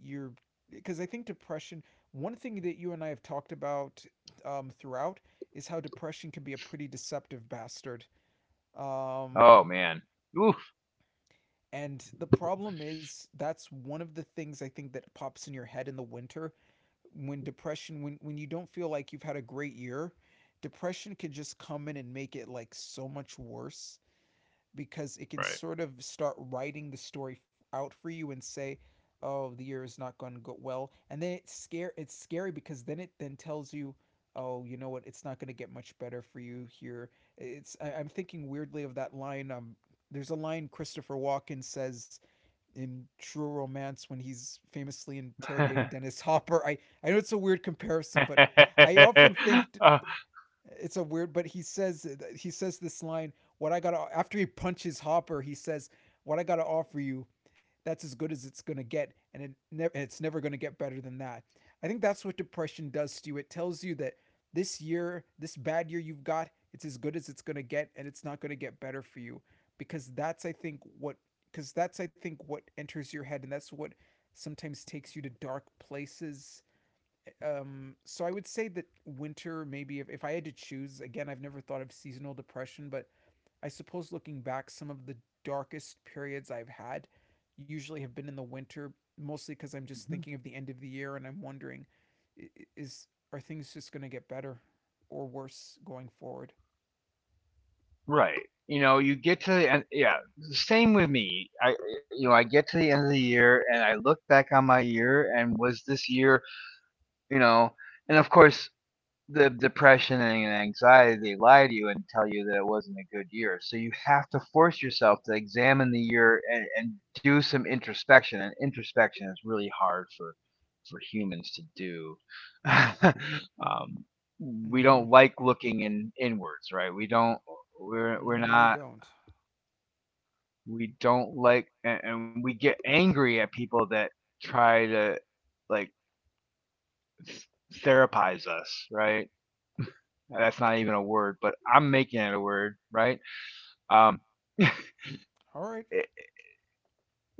B: you're because I think depression. One thing that you and I have talked about throughout is how depression can be a pretty deceptive bastard. Um,
A: Oh man, oof.
B: and the problem is, that's one of the things I think that pops in your head in the winter, when depression when you don't feel like you've had a great year, depression can just come in and make it like so much worse, because it can sort of start writing the story out for you and say, "Oh, the year is not going to go well," and then it's scary, because then it then tells you, "Oh, you know what? It's not going to get much better for you here." It's I, I'm thinking weirdly of that line. There's a line Christopher Walken says in True Romance when he's famously interrogating
A: Right.
B: Dennis Hopper. I know it's a weird comparison, but I often think,
A: uh,
B: it's a weird, but he says this line, what I gotta after he punches Hopper, he says, "What I gotta offer you, that's as good as it's gonna get, and it never it's never gonna get better than that." I think that's what depression does to you. It tells you that this year, this bad year you've got, it's as good as it's gonna get, and it's not gonna get better for you, because that's, I think, what enters your head, and that's what sometimes takes you to dark places. Um so I would say that winter, maybe, if I had to choose, again, I've never thought of seasonal depression, but I suppose looking back, some of the darkest periods I've had usually have been in the winter, mostly because I'm just thinking
A: Mhm.
B: of the end of the year, and I'm wondering, is, are things just going to get better or worse going forward?
A: Right. You know, you get to the end. Yeah, same with me. You know, I get to the end of the year and I look back on my year and was this year, you know. And of course, the depression and anxiety, they lie to you and tell you that it wasn't a good year. So you have to force yourself to examine the year and do some introspection. And introspection is really hard for humans to do. um, we
B: Mm-hmm.
A: don't like looking in inwards, right? We don't. We're
B: No,
A: we're
B: we
A: not.
B: don't.
A: We don't like, and we get angry at people that try to, like, th- therapize us, right? That's not even a word, but I'm making it a word, right? Um,
B: All right.
A: it-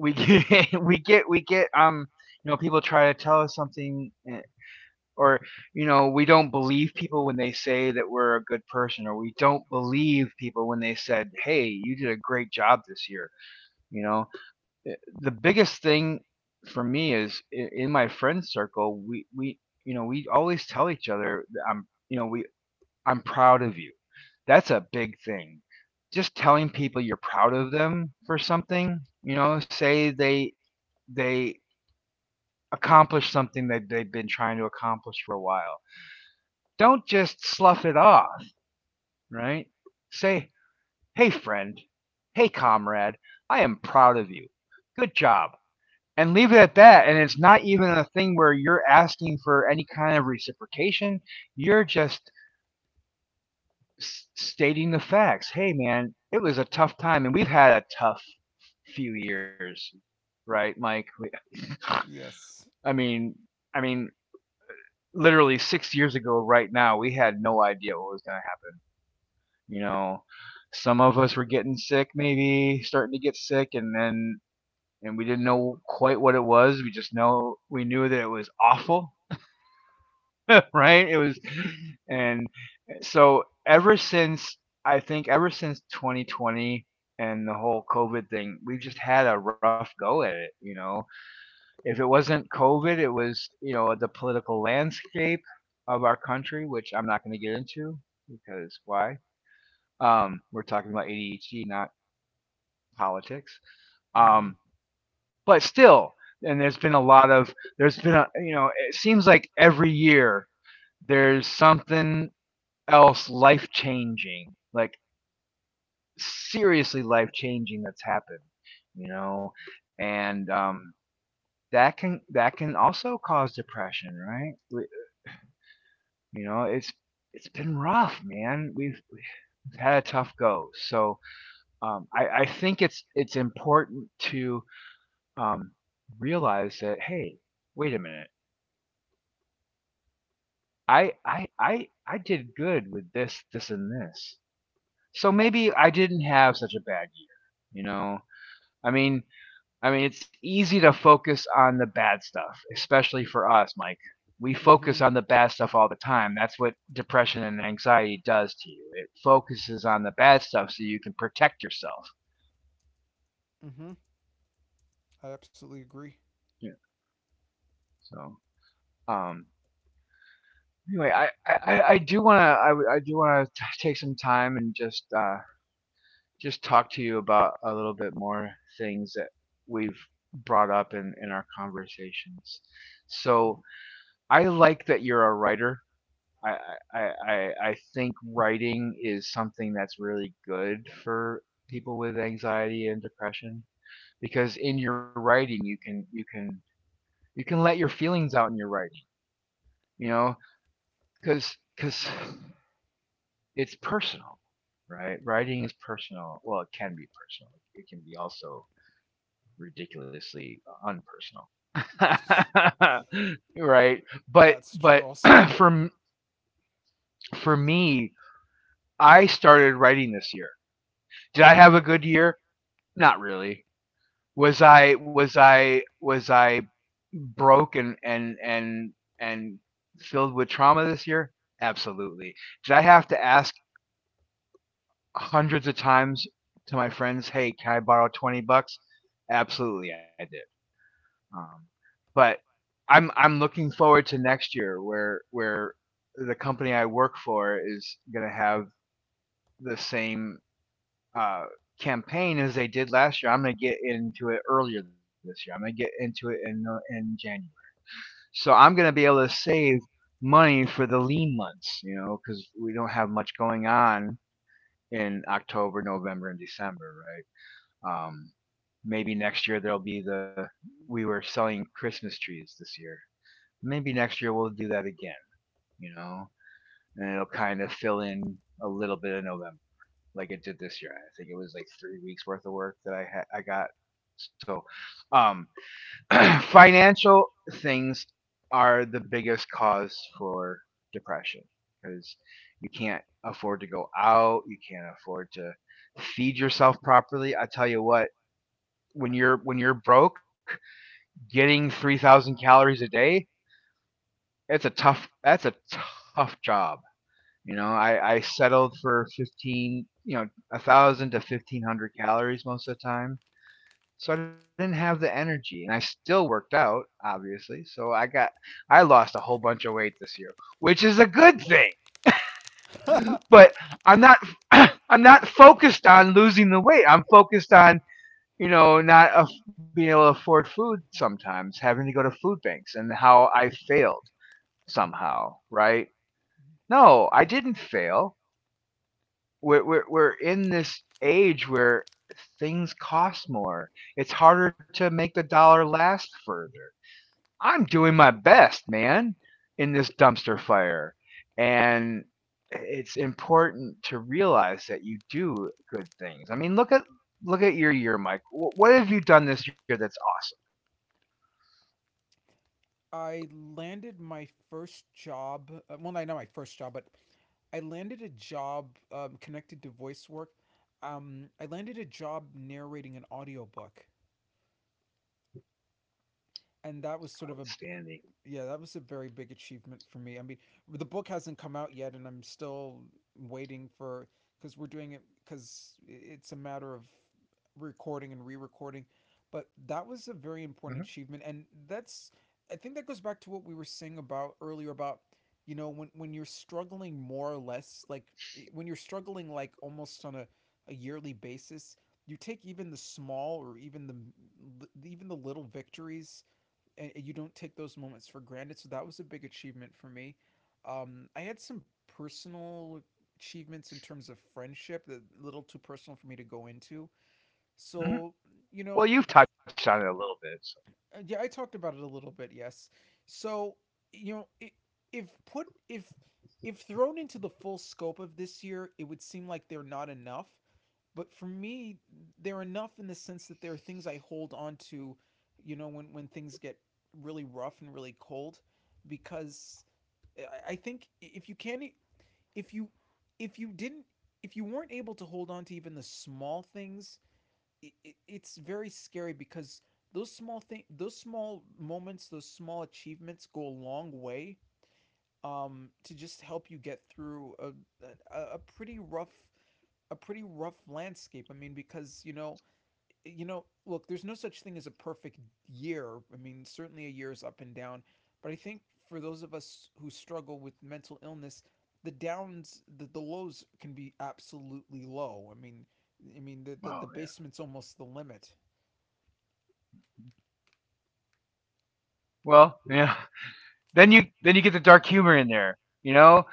A: we get, we get, you know, people try to tell us something, or, you know, we don't believe people when they say that we're a good person, or we don't believe people when they said, "Hey, you did a great job this year." You know, the biggest thing for me is in my friend circle, we you know, we always tell each other that I'm, you know, we I'm proud of you. That's a big thing. Just telling people you're proud of them for something, you know, say they they accomplish something that they've been trying to accomplish for a while. Don't just slough it off, right? Say, "Hey friend, hey comrade, I am proud of you. Good job." And leave it at
B: Mm-hmm.
A: that. And it's not even a thing where you're asking for any kind of reciprocation. You're just stating the facts. Hey, man, it was a tough time, and we've had a tough few years, right, Mike?
B: Yes.
A: I mean, I mean, literally 6 years ago, right now, we had no idea what was going to happen. You know, some of us were getting sick, maybe starting to get sick, and then, and we didn't know quite what it was. We just know we knew that it was awful, right? It was, and, So ever since I think ever since 2020 and the whole COVID thing, we've just had a rough go at it. You know, if it wasn't COVID, it was, you know, the political landscape of our country, which I'm not going to get into because why? We're talking about ADHD, not politics.
B: Mm-hmm.
A: Um, but still, and there's been a lot of, there's been a you know, it seems like every year there's something else life changing, like seriously life changing that's happened, you know, and that can, that can also cause depression, right? You know, it's been rough, man. We've had a tough go, so I think it's important to um, realize that, hey, wait a minute, I I I did good with this, this, and this, so maybe I didn't have such a bad year, you know. I mean, I mean, it's easy to focus on the bad stuff, especially for us, Mike. We
B: Mm-hmm.
A: focus on the bad stuff all the time. That's what depression and anxiety does to you. It focuses on the bad stuff so you can protect yourself.
B: Mm-hmm. I absolutely agree.
A: Yeah. So, um, anyway, I do want to, I do want to take some time and just talk to you about a little bit more things that we've brought up in our conversations. So, I like that you're a writer. I, I, I think writing is something that's really good for people with anxiety and depression, because in your writing you can, you can let your feelings out in your writing, you know, because because it's personal, right? Writing is personal. Well, it can be personal, it can be also ridiculously unpersonal, right? but
B: That's true
A: but
B: also.
A: for me, I started writing this year. Did I have a good year? Not really. Was I broke and and filled with trauma this year? Absolutely. Did I have to ask hundreds of times to my friends, "Hey, can I borrow $20?" Absolutely, I did. Um, but I'm looking forward to next year, where the company I work for is going to have the same uh, campaign as they did last year. I'm going to get into it earlier this year. I'm going to get into it in January. So I'm going to be able to save money for the lean months, you know, because we don't have much going on in October, November, and December, right? Maybe next year there'll be the, we were selling Christmas trees this year. Maybe next year we'll do that again, you know, and it'll kind of fill in a little bit of November, like it did this year. I think it was like 3 weeks worth of work that I got. So, um, financial things are the biggest cause for depression, because you can't afford to go out, you can't afford to feed yourself properly. I tell you what, when you're broke, getting 3,000 calories a day, it's a tough, that's a tough job. You know, I settled for 15, you know, a 1,000 to 1,500 calories most of the time. So I didn't have the energy, and I still worked out, obviously. So I got, I lost a whole bunch of weight this year, which is a good thing. But I'm not, I'm not focused on losing the weight. I'm focused on, you know, not aff- being able to afford food sometimes, having to go to food banks, and how I failed somehow, right? No, I didn't fail. We're we're in this age where things cost more. It's harder to make the dollar last further. I'm doing my best, man, in this dumpster fire. And it's important to realize that you do good things. I mean, look at your year, Mike. What have you done this year that's awesome,
B: I landed my first job. Well, not my first job, but I landed a job connected to voice work. I landed a job narrating an audiobook, and that was sort of a,
A: outstanding?
B: yeah, that was a very big achievement for me. I mean, the book hasn't come out yet, and I'm still waiting for, because we're doing it, because it's a matter of recording and re-recording. But that was a very important
A: Hmm.
B: achievement, and that's, I think that goes back to what we were saying about earlier, about, you know, when you're struggling more or less, like when you're struggling like almost on a yearly basis, you take even the small, or even the little victories, and you don't take those moments for granted. So that was a big achievement for me. I had some personal achievements in terms of friendship, a little too personal for me to go into.
A: Hmm.
B: So, you know,
A: Well, you've touched on it a little bit. So.
B: yeah, I talked about it a little bit, yes. So, you know, I- if put if thrown into the full scope of this year, it would seem like they're not enough. But for me, they're enough in the sense that there are things I hold on to, you know, when things get really rough and really cold, because think if you can't, if you, if you didn't, if you weren't able to hold on to even the small things, it, it's very scary, because those small those small moments, those small achievements go a long way to just help you get through a pretty rough, a pretty rough landscape. I mean, because, you know, look, there's no such thing as a perfect year. I mean, certainly a year is up and down, but I think for those of us who struggle with mental illness, the downs, the lows can be absolutely low. I mean, the the
A: Oh yeah.
B: basement's almost the limit.
A: Well, yeah. Then you get the dark humor in there. You know,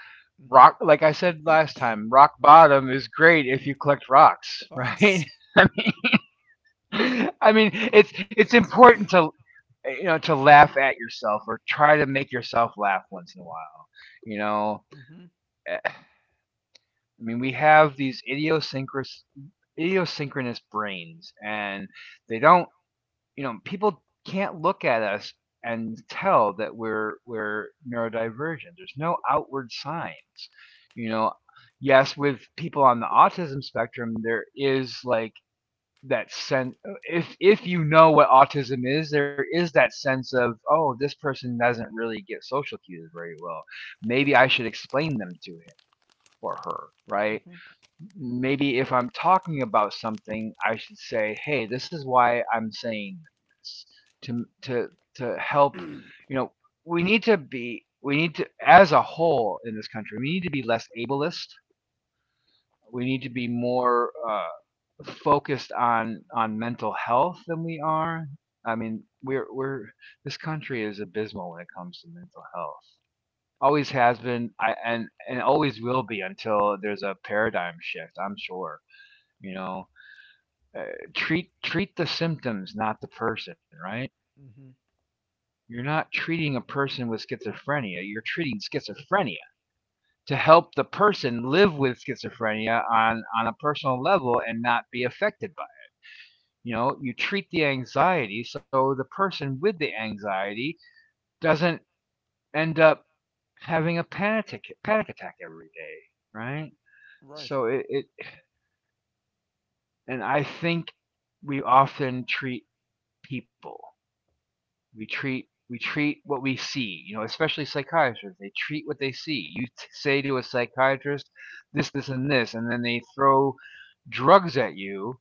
A: rock,
B: Mm-hmm.
A: like I said last time, rock bottom is great if you collect rocks, right?
B: Ox.
A: I I mean, it's
B: Mm-hmm.
A: important to, you know, to laugh at yourself or try to make yourself laugh once in a while. You know, Eh, I mean, we have these idiosyncras idiosyncrous brains, and they don't, you know, people can't look at us and tell that we're neurodivergent. There's no outward signs. You know, yes, with people on the autism spectrum, there is like that sense. If you know what autism is, there is that sense of, oh, this person doesn't really get social cues very well. Maybe I should explain them to him or her, right?
B: Mm-hmm.
A: Maybe if I'm talking about something, I should say, "Hey, this is why I'm saying this," to to to help. You know, we need to, as a whole in this country, we need to be less ableist. We need to be more focused on mental health than we are. I mean, we're this country is abysmal when it comes to mental health. Always has been, I, and always will be until there's a paradigm shift. I'm sure you know, uh, treat the symptoms, not the person, right?
B: Mm-hmm.
A: You're not treating a person with schizophrenia. You're treating schizophrenia to help the person live with schizophrenia on a personal level and not be affected by it. You know, you treat the anxiety so the person with the anxiety doesn't end up having a panic attack every day, right? So
B: Right.
A: it and I think we often treat people we treat we treat what we see, you know, especially psychiatrists, they treat what they see. You say to a psychiatrist this, this, and this, and then they throw drugs at you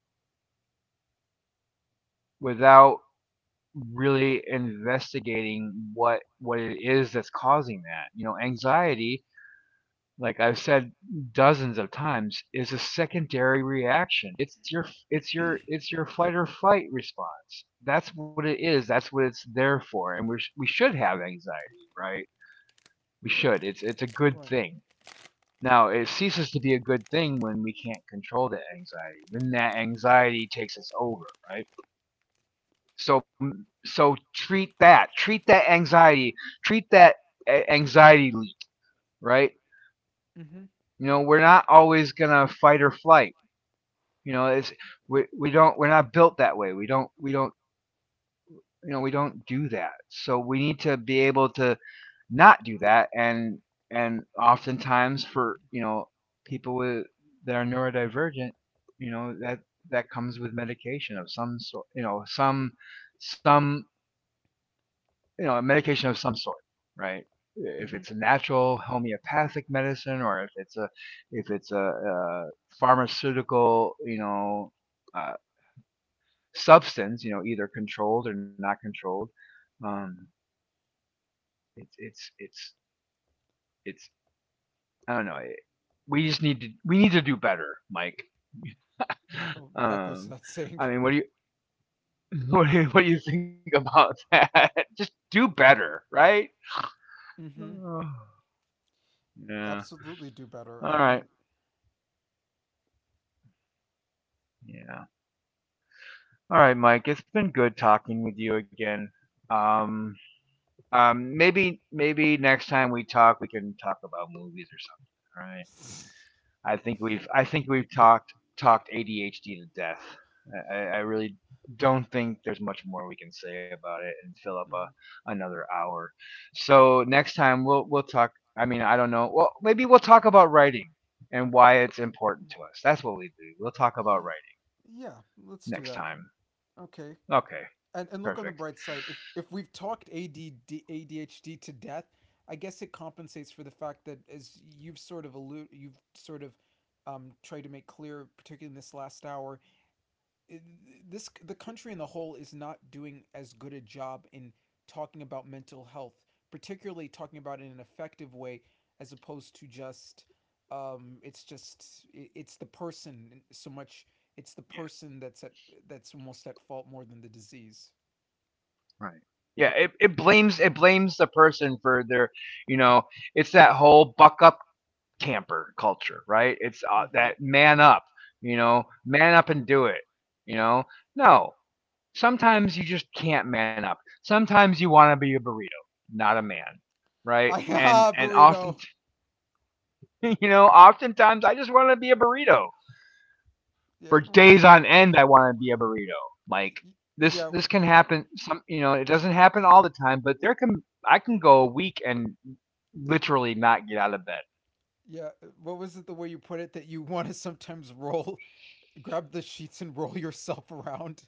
A: without really investigating what it is that's causing that, you know, anxiety. Like I've said dozens of times, is a secondary reaction. It's your fight or flight response. That's what it is, that's what it's there for, and we should have anxiety, right? We should. It's a good
B: Right.
A: thing. Now it ceases to be a good thing when we can't control that anxiety, when that anxiety takes us over, right? So so treat that. Treat that anxiety. Treat that anxiety leap, right?
B: Mm-hmm.
A: You know, we're not always gonna fight or flight. You know, it's we don't, we're not built that way. We don't you know, we don't do that. So we need to be able to not do that, and oftentimes for, you know, people with that are neurodivergent, you know, that that comes with medication of some sort, you know, some, you know, medication of some sort, right? If
B: Mm-hmm.
A: it's a natural homeopathic medicine, or if it's a if it's a pharmaceutical, you know, uh, substance, you know, either controlled or not controlled, um it's it's I don't know. We just need to, we need to do better, Mike.
B: Oh, that goes to
A: Um,
B: that saying.
A: I mean, what do you what do you think about that? Just do better, right?
B: Mm-hmm.
A: Oh, yeah.
B: Absolutely do
A: All
B: better. I
A: right.
B: mean.
A: Yeah. All right, Mike. It's been good talking with you again. Um, maybe next time we talk, we can talk about movies or something, right? I think we've talked ADHD to death. I really don't think there's much more we can say about it and fill up a
B: Mm-hmm.
A: another hour. So next time we'll talk. I mean, I don't know. Well, maybe we'll talk about writing and why it's important to us. That's what we do. We'll talk about
B: Yeah.
A: writing
B: Yeah, let's do
A: next
B: that.
A: time.
B: Okay.
A: Okay,
B: And look on the
A: perfect.
B: bright side. If we've talked a d h d to death, I guess it compensates for the fact that, as you've sort of allude, you've sort of tried to make clear, particularly in this last hour, this, the country in the whole is not doing as good a job in talking about mental health, particularly talking about it in an effective way, as opposed to just, it's just it's the person so much. It's the
A: Yeah,
B: person that's at, that's almost at fault more than the disease.
A: right. Yeah, it blames the person for their, you know, it's that whole buck up camper culture, right? It's
B: Mm-hmm.
A: that man up, you know, man up and do it, you know. No, sometimes you just can't man up. Sometimes you want to be a burrito, not a man, right?
B: Ah,
A: And often,
B: burrito.
A: you know, oftentimes I just want to be a burrito
B: Yeah,
A: for days on end. I want to be a burrito. Like this,
B: yeah,
A: this can happen. Some, you know, it doesn't happen all the time, but there can I can go a week and literally not get out of bed.
B: yeah. What was it? The way you put it, that you want to sometimes roll, grab the sheets and roll yourself around,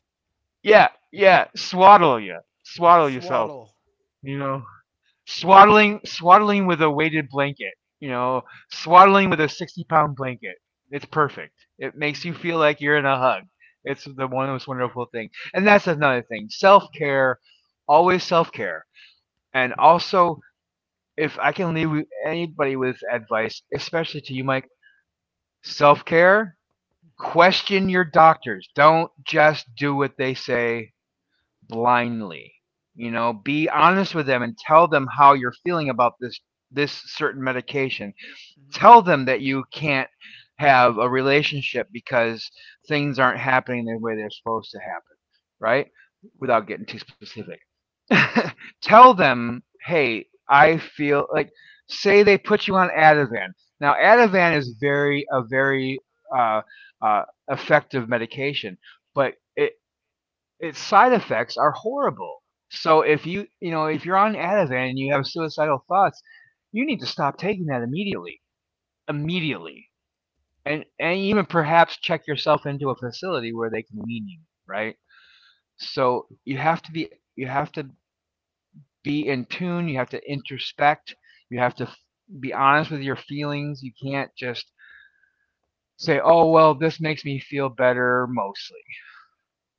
A: Yeah, yeah, swaddle yourself.
B: swaddle.
A: You know. Swaddling with a weighted blanket. You know, swaddling with a 60 pound blanket. It's perfect. It makes you
B: Mm-hmm.
A: feel like you're in a hug. It's the one most wonderful thing. And that's another thing. Self care, always self care. And also, if I can leave anybody with advice, especially to you, Mike, self care,
B: Mm-hmm.
A: question your doctors. Don't just do what they say blindly. You know, be honest with them and tell them how you're feeling about this certain medication. Tell
B: Mm-hmm.
A: them that you can't have a relationship because things aren't happening the way they're supposed to happen, right?
B: Right.
A: Without getting too specific. Tell them, "Hey, I feel like say they put you on Ativan. Now, Ativan is very a very uh, uh, effective medication, but it, its side effects are horrible. So if you, you know, if you're on Ativan and you have suicidal thoughts, you need to stop taking that immediately, immediately. And even perhaps check yourself into a facility where they can wean you, right? So you have to be, you have to be in tune, you have to introspect, you have to be honest with your feelings. You can't just say, "Oh, well, this makes me feel better mostly."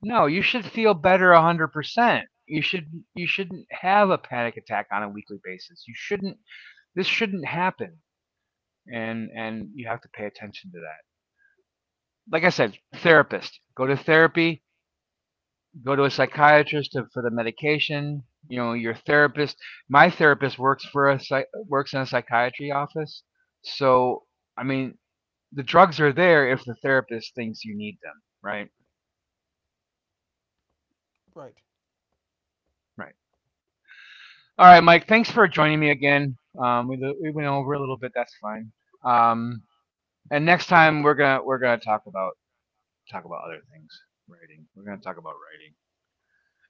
A: No, you should feel better 100%. You should you shouldn't have a panic attack on a weekly basis. You shouldn't this shouldn't happen. And you have to pay attention to that. Like I said, therapist. Go to therapy, go to a psychiatrist to, for the medication, you know, your therapist. My therapist works for a works in a psychiatry office. So, I mean, the drugs are there if the therapist thinks you need them, right?
B: Right.
A: Right. All right, Mike. Thanks for joining me again. We went over a little bit. That's fine. Um, and next time we're gonna talk about other things. Writing. We're gonna talk about writing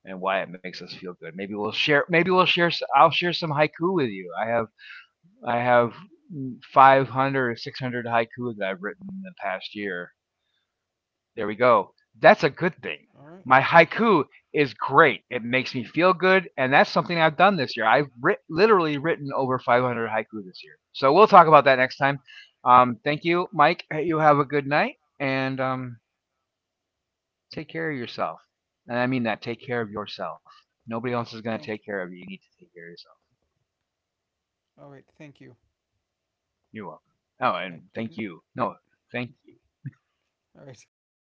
A: and why it makes us feel good. Maybe we'll share. Maybe we'll share. I'll share some haiku with you. I have 500 or 600 haiku that I've written in the past year. There we go. That's a good
B: All
A: thing.
B: right.
A: My haiku is great. It makes me feel good, and that's something I've done this year. I've literally written over 500 haiku this year. So we'll talk about that next time. Thank you, Mike. Hey, you have a good night, and take care of yourself. And I mean that. Take care of yourself. Nobody else is going to
B: Thank
A: take care of you. You need to take care of yourself.
B: you. All right. Thank you.
A: You're welcome.
B: All
A: Oh,
B: right.
A: and
B: Good.
A: thank you. No, thank
B: All right. Good night.